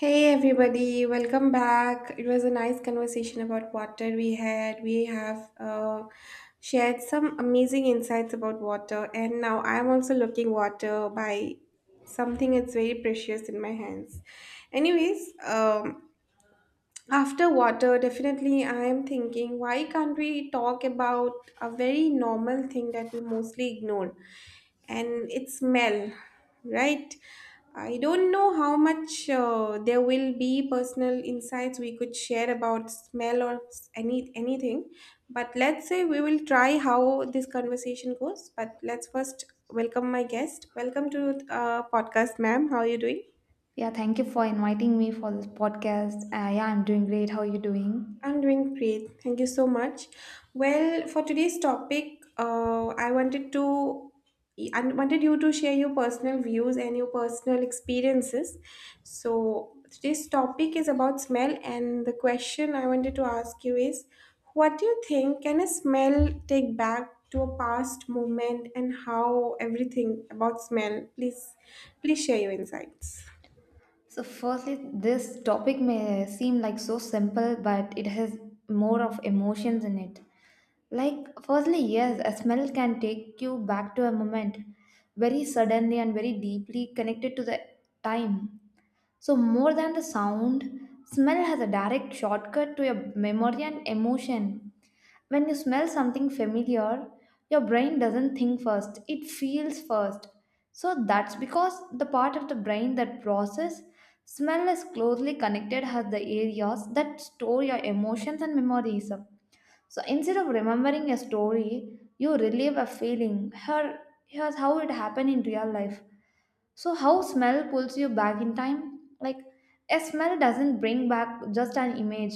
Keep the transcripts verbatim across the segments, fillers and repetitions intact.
Hey everybody, welcome back. It was a nice conversation about water we had. We have uh, shared some amazing insights about water, and now I'm also looking water by something that's very precious in my hands. Anyways, um, after water, definitely, I am thinking why can't we talk about a very normal thing that we mostly ignore? And it's smell, right? I don't know how much uh, there will be personal insights we could share about smell or s- any anything, but let's say we will try how this conversation goes. But let's first welcome my guest. Welcome to uh, podcast, ma'am. How are you doing? Yeah, thank you for inviting me for this podcast. Uh, yeah, I'm doing great. How are you doing? I'm doing great. Thank you so much. Well, for today's topic, uh, I wanted to I wanted you to share your personal views and your personal experiences. So today's topic is about smell, and the question I wanted to ask you is, what do you think can a smell take back to a past moment, and how everything about smell? Please, please share your insights. So, firstly, this topic may seem like so simple, but it has more of emotions in it. Like, firstly, yes, a smell can take you back to a moment very suddenly and very deeply connected to the time. So, more than the sound, smell has a direct shortcut to your memory and emotion. When you smell something familiar, your brain doesn't think first, it feels first. So, that's because the part of the brain that process smell is closely connected as the areas that store your emotions and memories. So, instead of remembering a story, you relive a feeling. Here, here's how it happened in real life. So, how smell pulls you back in time? Like, a smell doesn't bring back just an image,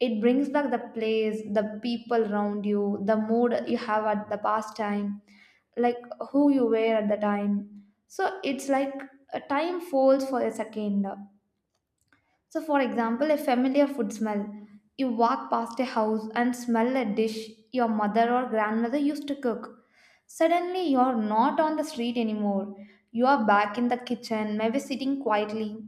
it brings back the place, the people around you, the mood you have at the past time, like who you were at the time. So, it's like a time falls for a second. So, for example, a familiar food smell. You walk past a house and smell a dish your mother or grandmother used to cook. Suddenly, you're not on the street anymore. You are back in the kitchen, maybe sitting quietly,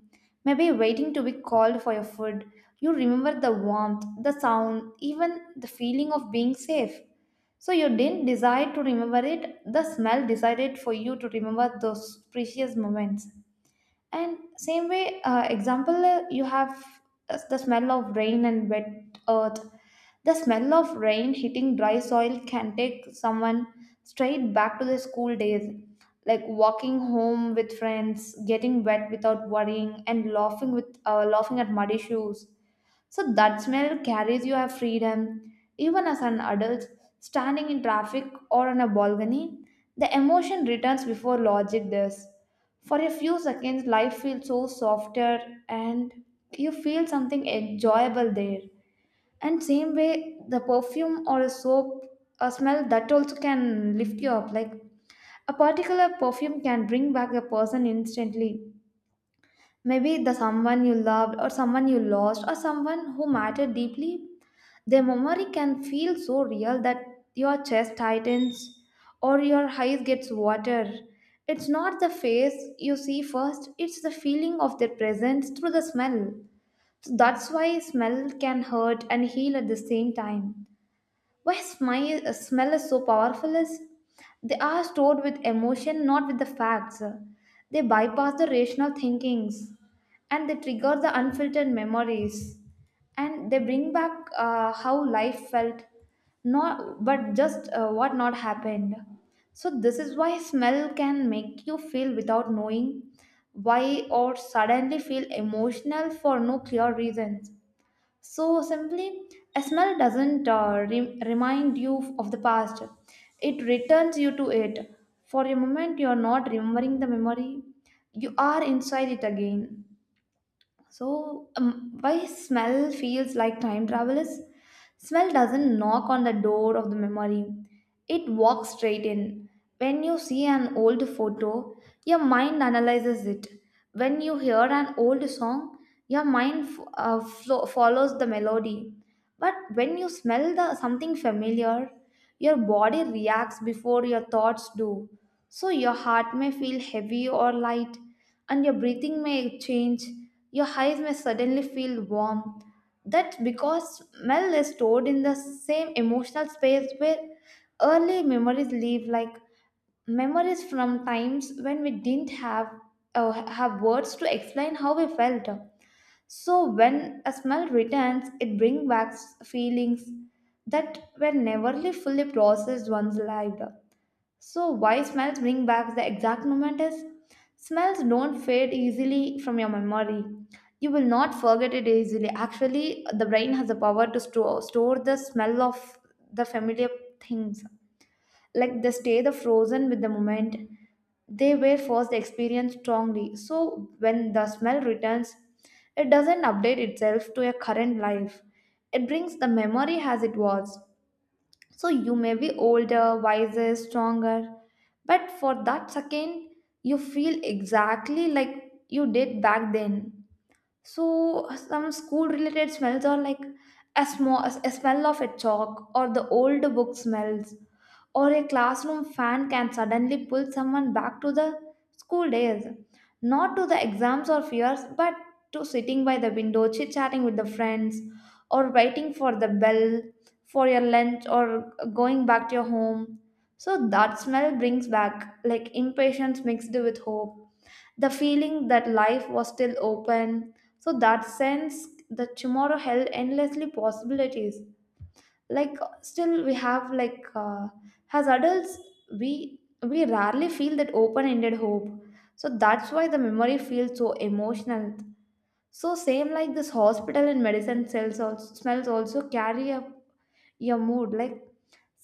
maybe waiting to be called for your food. You remember the warmth, the sound, even the feeling of being safe. So, you didn't decide to remember it, the smell decided for you to remember those precious moments. And same way, uh, example, uh, you have uh, the smell of rain and wet earth. The smell of rain hitting dry soil can take someone straight back to their school days, like walking home with friends, getting wet without worrying, and laughing with uh, laughing at muddy shoes. So that smell carries your freedom. Even as an adult, standing in traffic or on a balcony, the emotion returns before logic does. For a few seconds, life feels so softer, and you feel something enjoyable there. And same way, the perfume or a soap, a smell that also can lift you up. Like, a particular perfume can bring back a person instantly. Maybe the someone you loved, or someone you lost, or someone who mattered deeply. The memory can feel so real that your chest tightens or your eyes gets water. It's not the face you see first, it's the feeling of their presence through the smell. So that's why smell can hurt and heal at the same time. Why smile, uh, smell is so powerful is they are stored with emotion, not with the facts. They bypass the rational thinkings, and they trigger the unfiltered memories, and they bring back uh, how life felt, not but just uh, what not happened. So this is why smell can make you feel without knowing why, or suddenly feel emotional for no clear reasons. So simply, a smell doesn't uh, re- remind you of the past, it returns you to it. For a moment, you are not remembering the memory, you are inside it again. So, um, why smell feels like time travel is, smell doesn't knock on the door of the memory, it walks straight in. When you see an old photo, your mind analyzes it. When you hear an old song, your mind f- uh, flo- follows the melody. But when you smell the something familiar, your body reacts before your thoughts do. So your heart may feel heavy or light, and your breathing may change. Your eyes may suddenly feel warm. That's because smell is stored in the same emotional space where early memories live, like memories from times when we didn't have uh, have words to explain how we felt. So when a smell returns, it brings back feelings that were never fully processed once lived. So, why smells bring back the exact moment is, smells don't fade easily from your memory. You will not forget it easily. Actually, the brain has the power to store, store the smell of the familiar things. Like they stay the frozen with the moment. They were first experienced strongly. So, when the smell returns, it doesn't update itself to your current life. It brings the memory as it was. So you may be older, wiser, stronger, but for that second, you feel exactly like you did back then. So some school related smells are like a, small, a smell of a chalk, or the old book smells, or a classroom fan can suddenly pull someone back to the school days. Not to the exams or fears, but to sitting by the window, chit chatting with the friends, or waiting for the bell for your lunch, or going back to your home. So that smell brings back like impatience mixed with hope, the feeling that life was still open. So that sense that tomorrow held endlessly possibilities. Like, still we have like uh, as adults, we we rarely feel that open-ended hope. So that's why the memory feels so emotional. So same like this hospital and medicine cells also smells also carry a your mood, like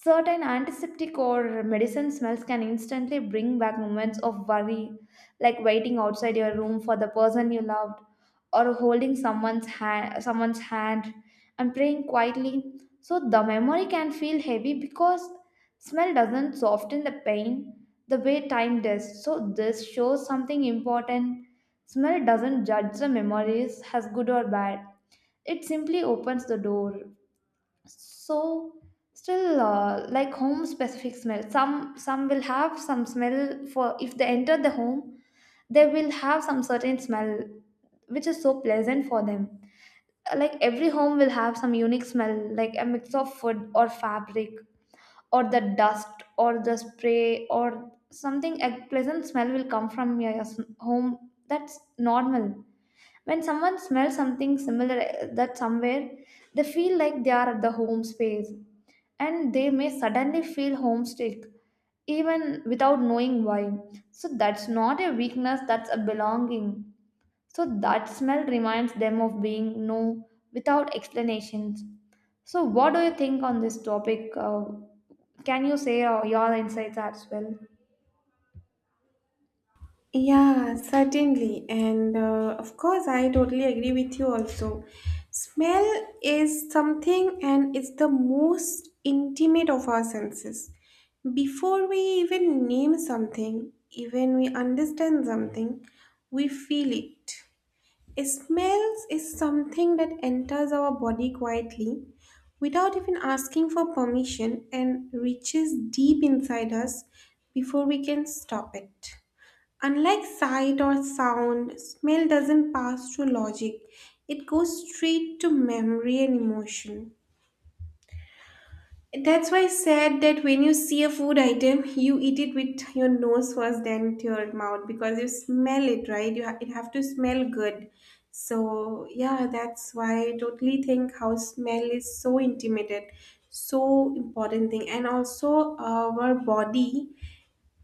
certain antiseptic or medicine smells can instantly bring back moments of worry, like waiting outside your room for the person you loved, or holding someone's hand, someone's hand, and praying quietly. So the memory can feel heavy because smell doesn't soften the pain the way time does. So this shows something important. Smell doesn't judge the memories as good or bad. It simply opens the door. So still, uh, like home specific smell, some some will have some smell for if they enter the home, they will have some certain smell which is so pleasant for them. Like, every home will have some unique smell, like a mix of food or fabric or the dust or the spray or something. A pleasant smell will come from your your s- home. That's normal. When someone smells something similar, uh, that somewhere, they feel like they are at the home space, and they may suddenly feel homesick even without knowing why. So that's not a weakness, that's a belonging. So that smell reminds them of being no without explanations. So what do you think on this topic? Uh, can you say uh, your insights as well? Yeah, certainly. And uh, of course, I totally agree with you also. Smell is something and it's the most intimate of our senses. Before we even name something, even we understand something, we feel it. A smell is something that enters our body quietly without even asking for permission and reaches deep inside us before we can stop it. Unlike sight or sound, smell doesn't pass through logic. It goes straight to memory and emotion. That's why I said that when you see a food item, you eat it with your nose first, then to your mouth because you smell it, right? You ha- it have to smell good. So yeah, that's why I totally think how smell is so intimate, so important thing, and also our body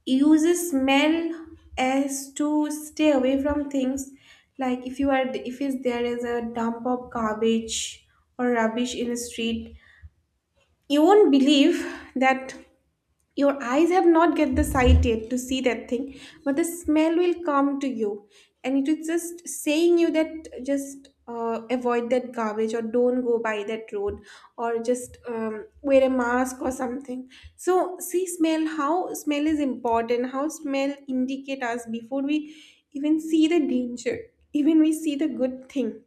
uses smell as to stay away from things, like if you are, if is there is a dump of garbage or rubbish in the street, you won't believe that your eyes have not get the sight yet to see that thing, but the smell will come to you, and it is just saying you that just uh, avoid that garbage or don't go by that road or just um, wear a mask or something. So see smell how smell is important, how smell indicate us before we even see the danger, even we see the good thing,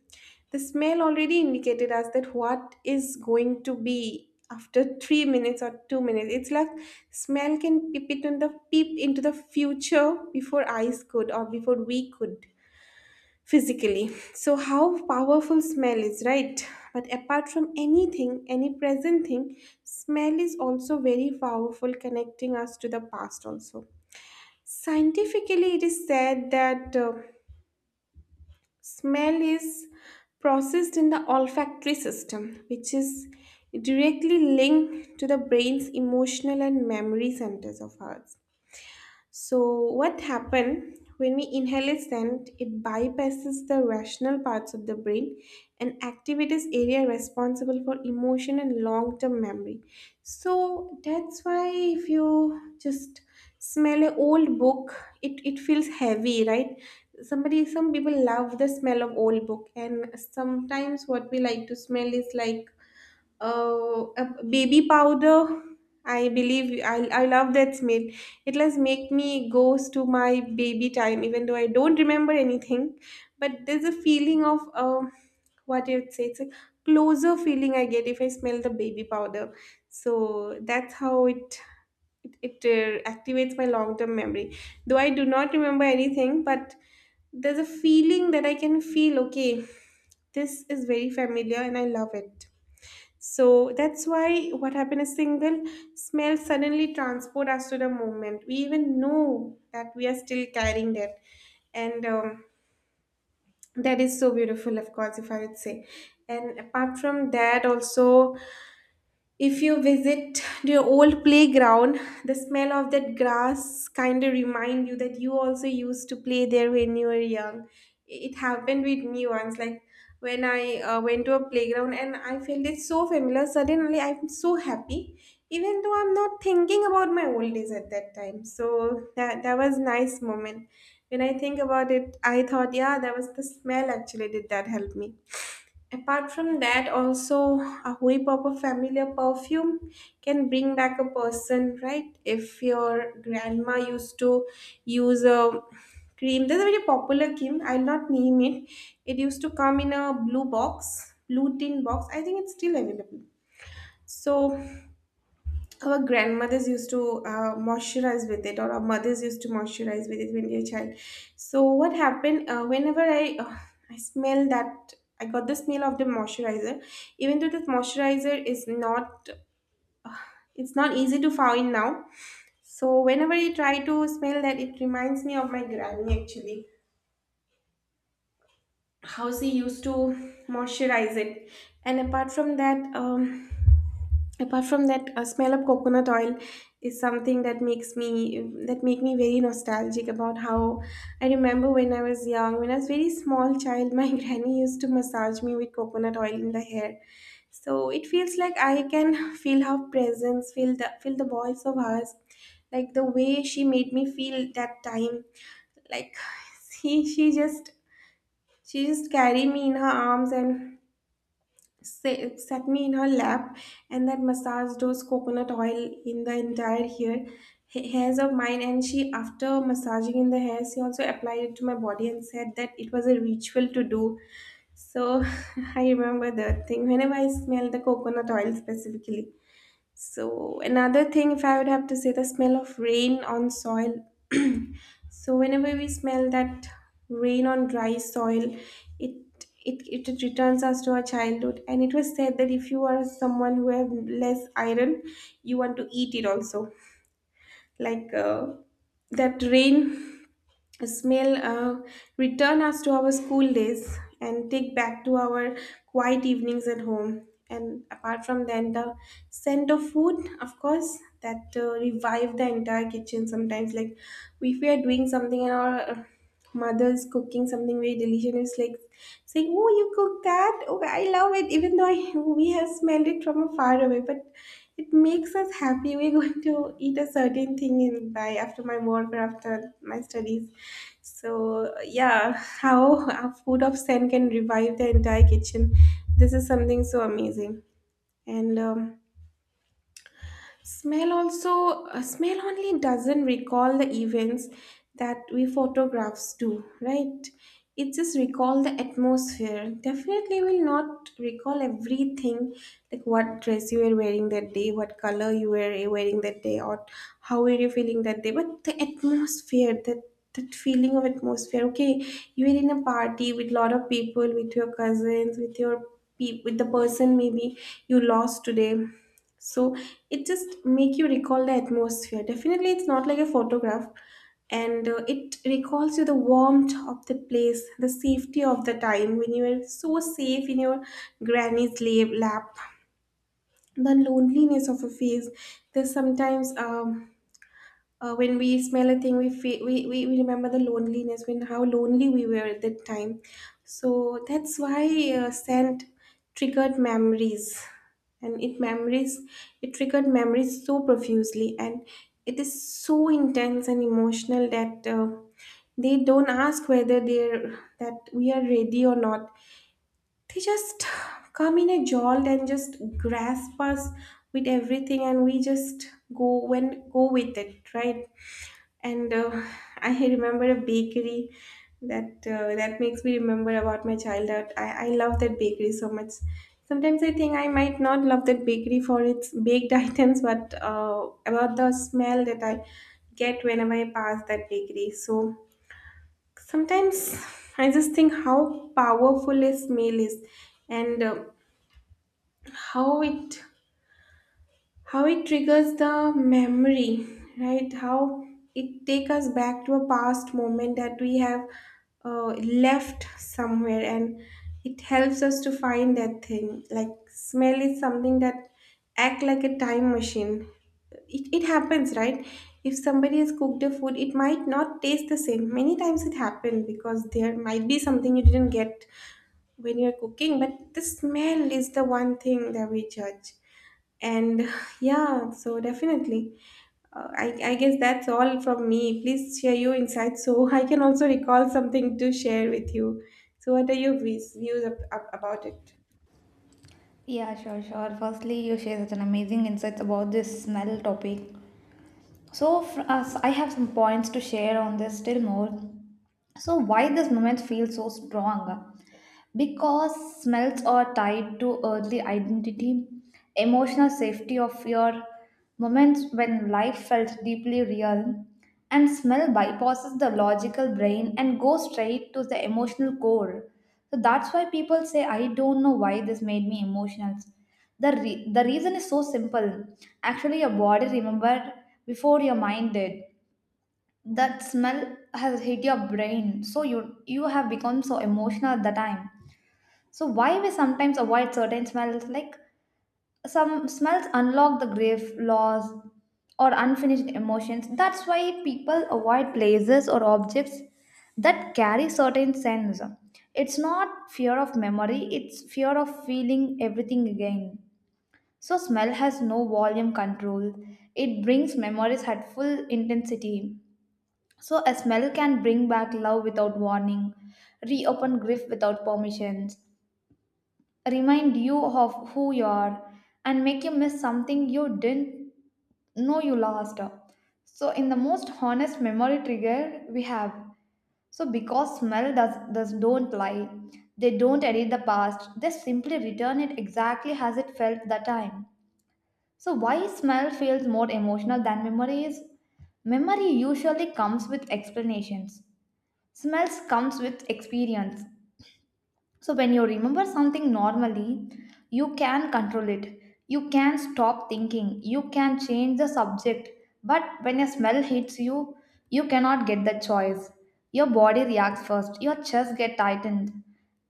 the smell already indicated us that what is going to be after three minutes or two minutes. It's like smell can peep it on the peep into the future before eyes could or before we could physically. So how powerful smell is, right? But apart from anything, any present thing, smell is also very powerful, connecting us to the past also. Scientifically, it is said that uh, Smell is processed in the olfactory system, which is directly linked to the brain's emotional and memory centers of ours. So, what happens when we inhale a scent? It bypasses the rational parts of the brain and activates area responsible for emotion and long-term memory. So that's why if you just smell an old book, it, it feels heavy, right? Somebody, some people love the smell of old book, and sometimes what we like to smell is like uh, a baby powder. I believe I, I love that smell. It does make me goes to my baby time even though I don't remember anything, but there's a feeling of uh, what you'd say it's a closer feeling I get if I smell the baby powder. So that's how it it, it uh, activates my long-term memory, though I do not remember anything, but there's a feeling that I can feel okay, this is very familiar and I love it. So that's why what happened, a single smell suddenly transport us to the moment. We even know that we are still carrying that. And um, that is so beautiful, of course, if I would say. And apart from that, also, if you visit the old playground, the smell of that grass kind of remind you that you also used to play there when you were young. It happened with me once, like when I uh, went to a playground and I felt it so familiar. Suddenly, I'm so happy, even though I'm not thinking about my old days at that time. So that that was nice moment. When I think about it, I thought, yeah, that was the smell actually did that help me. Apart from that, also a whiff of a familiar perfume can bring back a person, right? If your grandma used to use a cream, there's a very popular cream, I'll not name it. It used to come in a blue box, blue tin box. I think it's still available. So our grandmothers used to uh, moisturize with it or our mothers used to moisturize with it when they were a child. So what happened, uh, whenever i uh, I smell that, I got the smell of the moisturizer, even though this moisturizer is not, it's not easy to find now. So whenever I try to smell that, it reminds me of my granny actually. How she used to moisturize it. And apart from that um, apart from that a smell of coconut oil is something that makes me that make me very nostalgic about how I remember when I was young, when I was very small child, my granny used to massage me with coconut oil in the hair. So it feels like I can feel her presence, feel the feel the voice of hers, like the way she made me feel that time. Like she she just she just carried me in her arms and sa- sat me in her lap, and that massaged those coconut oil in the entire hair, ha- hairs of mine. And she, after massaging in the hairs, she also applied it to my body and said that it was a ritual to do. So I remember that thing whenever I smell the coconut oil specifically. So another thing, if I would have to say, the smell of rain on soil. So whenever we smell that rain on dry soil, it it, it returns us to our childhood. And it was said that if you are someone who have less iron, you want to eat it also. Like uh, that rain smell uh, return us to our school days and take back to our quiet evenings at home. And apart from then, the scent of food, of course, that uh, revive the entire kitchen sometimes. Like if we are doing something and our uh, mother's cooking something very delicious, it's like saying, oh, you cook that, oh, I love it, even though I, we have smelled it from far away, but it makes us happy we're going to eat a certain thing in by after my work or after my studies. So yeah, how a food of scent can revive the entire kitchen. This is something so amazing. And um, smell also, uh, smell only doesn't recall the events that we photographs do, right? It just recall the atmosphere. Definitely will not recall everything, like what dress you were wearing that day, what color you were wearing that day, or how were you feeling that day. But the atmosphere, that that feeling of atmosphere. Okay, you were in a party with lot of people, with your cousins, with your pe- with the person maybe you lost today. So it just make you recall the atmosphere, definitely it's not like a photograph. And uh, it recalls you the warmth of the place, the safety of the time when you were so safe in your granny's lap lap, the loneliness of a face. There's sometimes um, uh, when we smell a thing we feel, we, we, we remember the loneliness when how lonely we were at that time. So that's why uh, scent triggered memories. And it memories it triggered memories so profusely, and it is so intense and emotional that uh, they don't ask whether they're that we are ready or not, they just come in a jolt and just grasp us with everything and we just go when go with it, right? And uh, I remember a bakery that uh, that makes me remember about my childhood. I, I love that bakery so much. Sometimes I think I might not love that bakery for its baked items, but uh, about the smell that I get whenever I pass that bakery. So sometimes I just think how powerful a smell is, and uh, how it how it triggers the memory, right? How it take us back to a past moment that we have uh, left somewhere, and it helps us to find that thing. Like smell is something that act like a time machine. It, it happens, right? If somebody has cooked a food, it might not taste the same many times. It happened because there might be something you didn't get when you're cooking, but the smell is the one thing that we judge. And yeah, so definitely uh, I, I guess that's all from me. Please share your insights so I can also recall something to share with you. So what are your views, views ab- ab- about it. Yeah, sure, sure. Firstly, you share such an amazing insights about this smell topic. So, for us, I have some points to share on this still more. So, why this moment feels so strong? Because smells are tied to early identity, emotional safety of your moments when life felt deeply real, and smell bypasses the logical brain and goes straight to the emotional core. So that's why people say, I don't know why this made me emotional. The, re- the reason is so simple. Actually, your body remembered before your mind did. That smell has hit your brain, so you you have become so emotional at the time. So why we sometimes avoid certain smells, like some smells unlock the grief, loss, or unfinished emotions. That's why people avoid places or objects that carry certain sense. It's not fear of memory, it's fear of feeling everything again. So smell has no volume control. It brings memories at full intensity. So a smell can bring back love without warning, reopen grief without permissions, remind you of who you are, and make you miss something you didn't know you lost. So, in the most honest memory trigger we have, so because smell does, does don't lie, they don't edit the past, they simply return it exactly as it felt that time. So, why smell feels more emotional than memory is? Memory usually comes with explanations. Smells comes with experience. So, when you remember something normally, you can control it. You can stop thinking. You can change the subject. But when a smell hits you, you cannot get the choice. Your body reacts first. Your chest get tightened,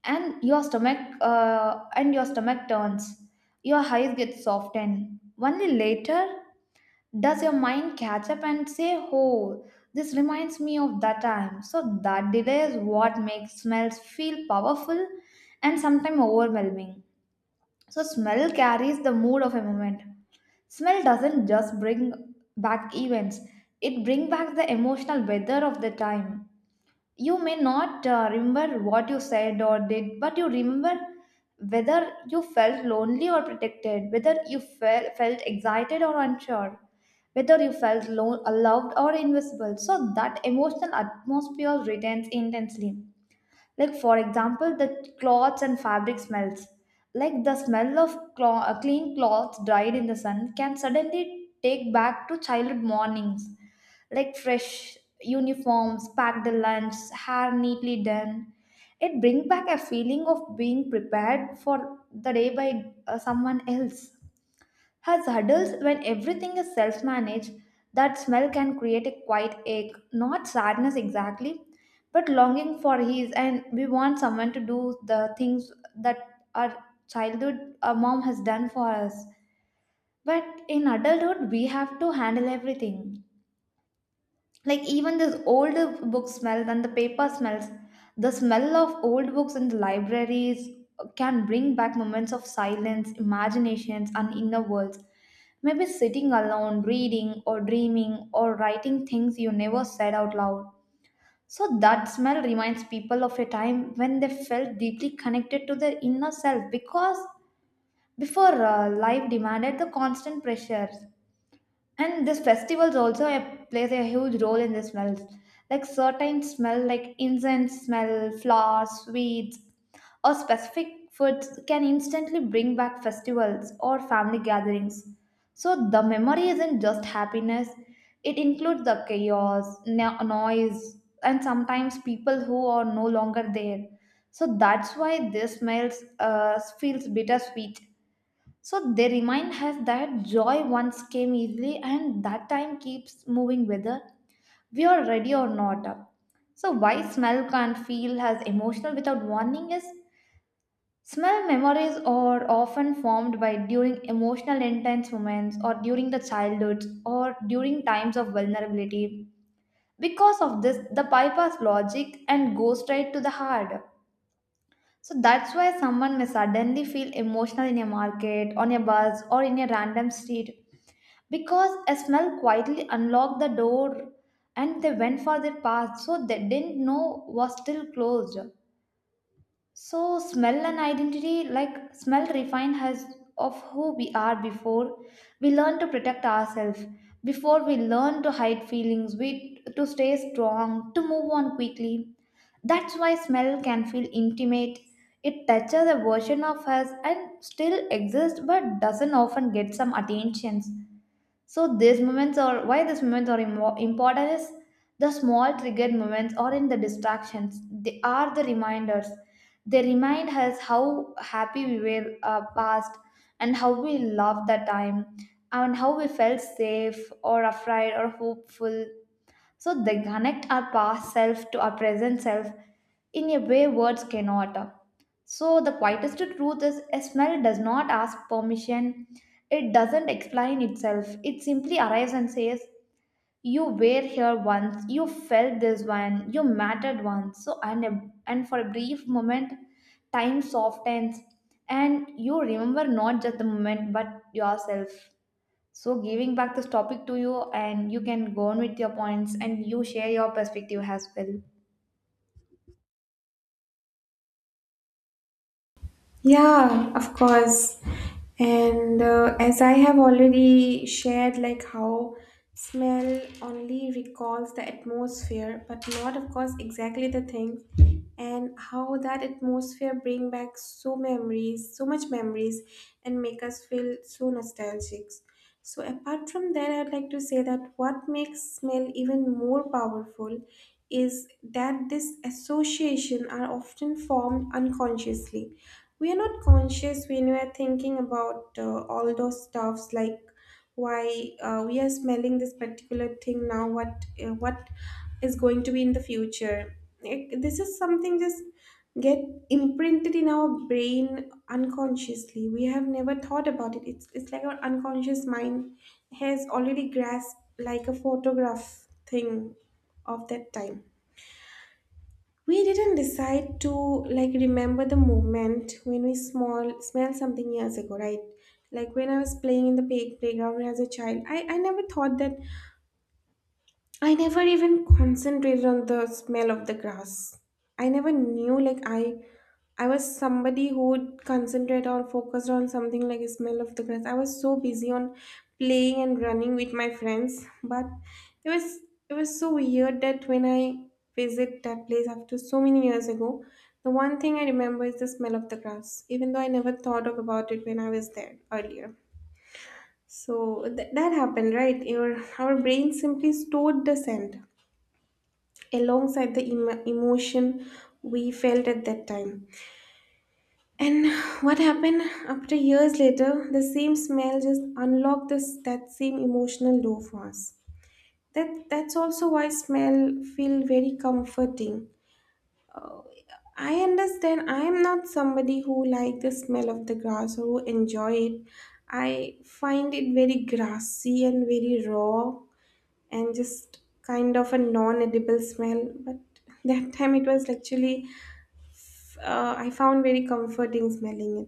and your stomach uh, and your stomach turns. Your eyes get softened. Only later does your mind catch up and say, oh, this reminds me of that time? So that delay is what makes smells feel powerful and sometimes overwhelming. So smell carries the mood of a moment. Smell doesn't just bring back events, it brings back the emotional weather of the time. You may not uh, remember what you said or did, but you remember whether you felt lonely or protected, whether you fel- felt excited or unsure, whether you felt lo- loved or invisible. So that emotional atmosphere retains intensely. Like, for example, the cloths and fabric smells, like the smell of clo- uh, clean cloths dried in the sun can suddenly take back to childhood mornings, like fresh uniforms, packed lunch, hair neatly done. It brings back a feeling of being prepared for the day by uh, someone else. As adults, when everything is self managed, that smell can create a quiet ache, not sadness exactly, but longing for his, and we want someone to do the things that our childhood, our mom has done for us. But in adulthood, we have to handle everything, like even this old book smell and the paper smells, the smell of old books in the libraries can bring back moments of silence, imaginations, and inner worlds. Maybe sitting alone reading or dreaming or writing things you never said out loud. So that smell reminds people of a time when they felt deeply connected to their inner self, because before, uh, life demanded the constant pressures. And these festivals also a- plays a huge role in the smells. Like certain smell, like incense smell, flowers, sweets, or specific foods can instantly bring back festivals or family gatherings. So the memory isn't just happiness, it includes the chaos, no- noise, and sometimes people who are no longer there. So that's why this smells uh, feels bittersweet. So they remind us that joy once came easily, and that time keeps moving whether we are ready or not. So why smell can't feel as emotional without warning is, smell memories are often formed by during emotional intense moments, or during the childhood, or during times of vulnerability. Because of this, the bypass logic and goes straight to the heart. So that's why someone may suddenly feel emotional in a market, on a bus, or in a random street, because a smell quietly unlocked the door, and they went for their path so they didn't know was still closed. So smell and identity, like smell refine us of who we are before we learn to protect ourselves, before we learn to hide feelings, we to stay strong, to move on quickly. That's why smell can feel intimate, it touches a version of us and still exists but doesn't often get some attention. So these moments are why these moments are imo- important is the small triggered moments or in the distractions. They are the reminders. They remind us how happy we were uh, past, and how we loved that time, and how we felt safe or afraid or hopeful. So they connect our past self to our present self in a way words cannot. So the quietest truth is a smell does not ask permission. It doesn't explain itself. It simply arrives and says, you were here once, you felt this one, you mattered once. So and a- and for a brief moment, time softens and you remember not just the moment but yourself. So, giving back this topic to you, and you can go on with your points and you share your perspective as well. Yeah, of course. And uh, as I have already shared, like how smell only recalls the atmosphere, but not, of course, exactly the thing, and how that atmosphere bring back so memories, so much memories, and make us feel so nostalgic. So apart from that, I'd like to say that what makes smell even more powerful is that this association are often formed unconsciously we are not conscious when we are thinking about uh, all those stuffs like why uh, we are smelling this particular thing now what uh, what is going to be in the future Like, this is something just get imprinted in our brain unconsciously we have never thought about it it's, it's like our unconscious mind has already grasped like a photograph thing of that time we didn't decide to like remember the moment when we small smelled something years ago right like when I was playing in the play, playground as a child I, I never thought that I never even concentrated on the smell of the grass. I never knew like I I was somebody who would concentrate or focused on something like a smell of the grass. I was so busy on playing and running with my friends, but it was it was so weird that when I visit that place after so many years ago, the one thing I remember is the smell of the grass, even though I never thought of about it when I was there earlier. So th- that happened, right? Your our brain simply stored the scent alongside the emo- emotion we felt at that time. And what happened after years later, the same smell just unlocked this that same emotional door for us. That that's also why smell feel very comforting. I understand I am not somebody who like the smell of the grass or who enjoy it. I find it very grassy and very raw and just kind of a non-edible smell. But that time it was actually uh, I found very comforting smelling it.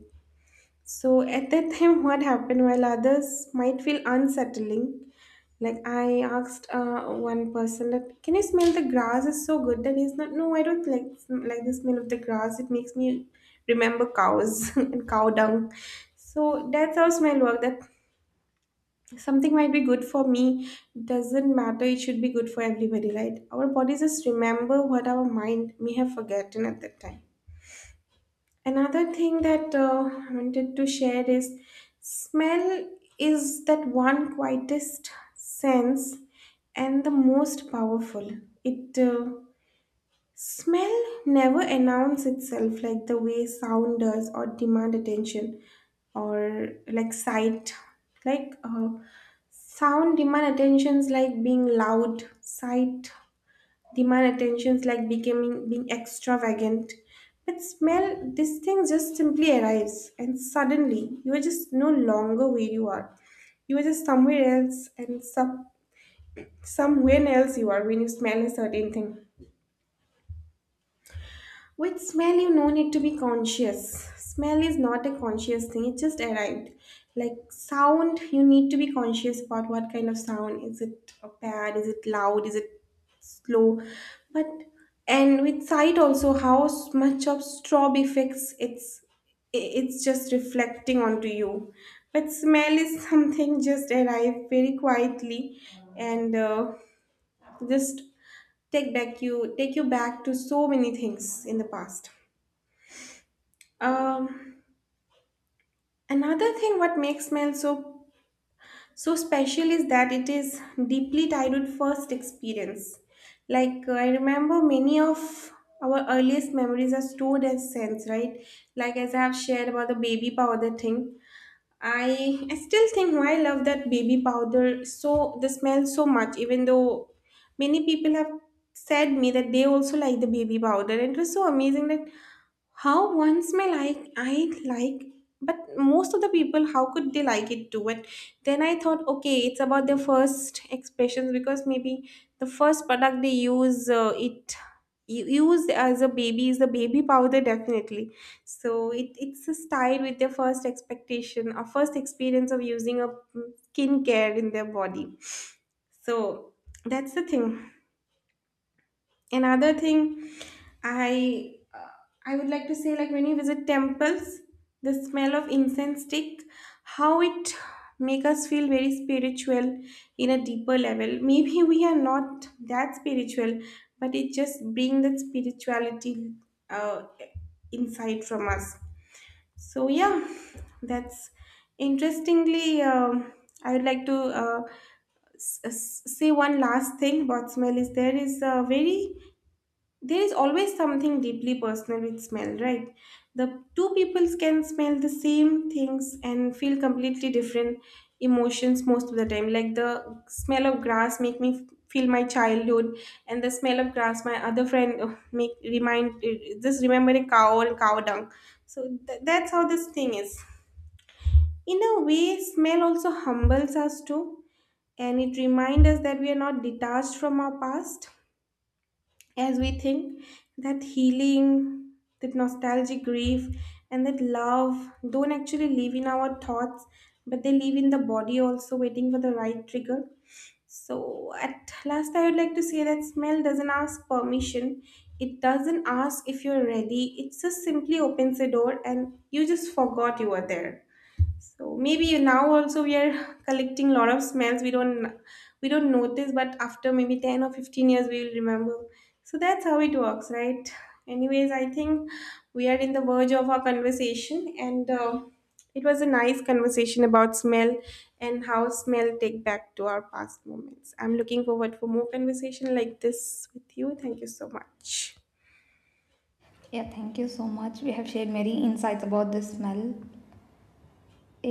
So at that time, what happened while others might feel unsettling, like I asked uh, one person that can you smell the grass is so good and he's not no I don't like sm- like the smell of the grass it makes me remember cows and cow dung. So that's how smell work that something might be good for me doesn't matter it should be good for everybody right our bodies just remember what our mind may have forgotten at that time Another thing that uh, I wanted to share is smell is that one quietest sense and the most powerful. It uh, smell never announce itself like the way sound does or demand attention or like sight. Like uh, sound demand attentions like being loud, sight demand attentions like becoming being extravagant but smell this thing just simply arrives and suddenly you are just no longer where you are you are just somewhere else and some, somewhere else you are when you smell a certain thing With smell, you no need to be conscious. Smell is not a conscious thing, it just arrived. Like sound, you need to be conscious about what kind of sound. Is it bad? Is it loud? Is it slow? But and with sight also, how s- much of strobe effects it's I- it's just reflecting onto you. But smell is something just arrived very quietly and uh, just take back you take you back to so many things in the past. Um, another thing what makes Mail so so special is that it is deeply tied with first experience. Like uh, I remember many of our earliest memories are stored as scents, right? Like as I have shared about the baby powder thing. I, I still think why I love that baby powder so the smell so much, even though many people have said me that they also like the baby powder and it was so amazing that how ones may like, I like, but most of the people, how could they like it too? And then I thought, okay, it's about their first expressions because maybe the first product they use uh, it u- used as a baby is the baby powder definitely. So it it's a style with their first expectation or first experience of using a mm, skincare in their body. So that's the thing another thing I uh, I would like to say like when you visit temples the smell of incense stick how it make us feel very spiritual in a deeper level maybe we are not that spiritual but it just bring that spirituality uh, inside from us so yeah that's interestingly um, I would like to uh, s- s- say one last thing about smell is there is a very there is always something deeply personal with smell, right? The two peoples can smell the same things and feel completely different emotions most of the time. Like the smell of grass make me feel my childhood, and the smell of grass my other friend uh, make remind uh, just remember a cow and cow dung. So th- that's how this thing is. In a way, smell also humbles us too, and it reminds us that we are not detached from our past as we think that healing, that nostalgic grief, and that love don't actually live in our thoughts, but they live in the body also, waiting for the right trigger. So, at last, I would like to say that smell doesn't ask permission. It doesn't ask if you're ready. It just simply opens a door and you just forgot you were there. So maybe now also we are collecting a lot of smells we don't we don't notice, but after maybe ten or fifteen years we will remember. So that's how it works, right? Anyways, I think we are in the verge of our conversation, and uh, it was a nice conversation about smell and how smell take back to our past moments. I'm looking forward for more conversation like this with you. Thank you so much. Yeah, thank you so much. We have shared many insights about this smell.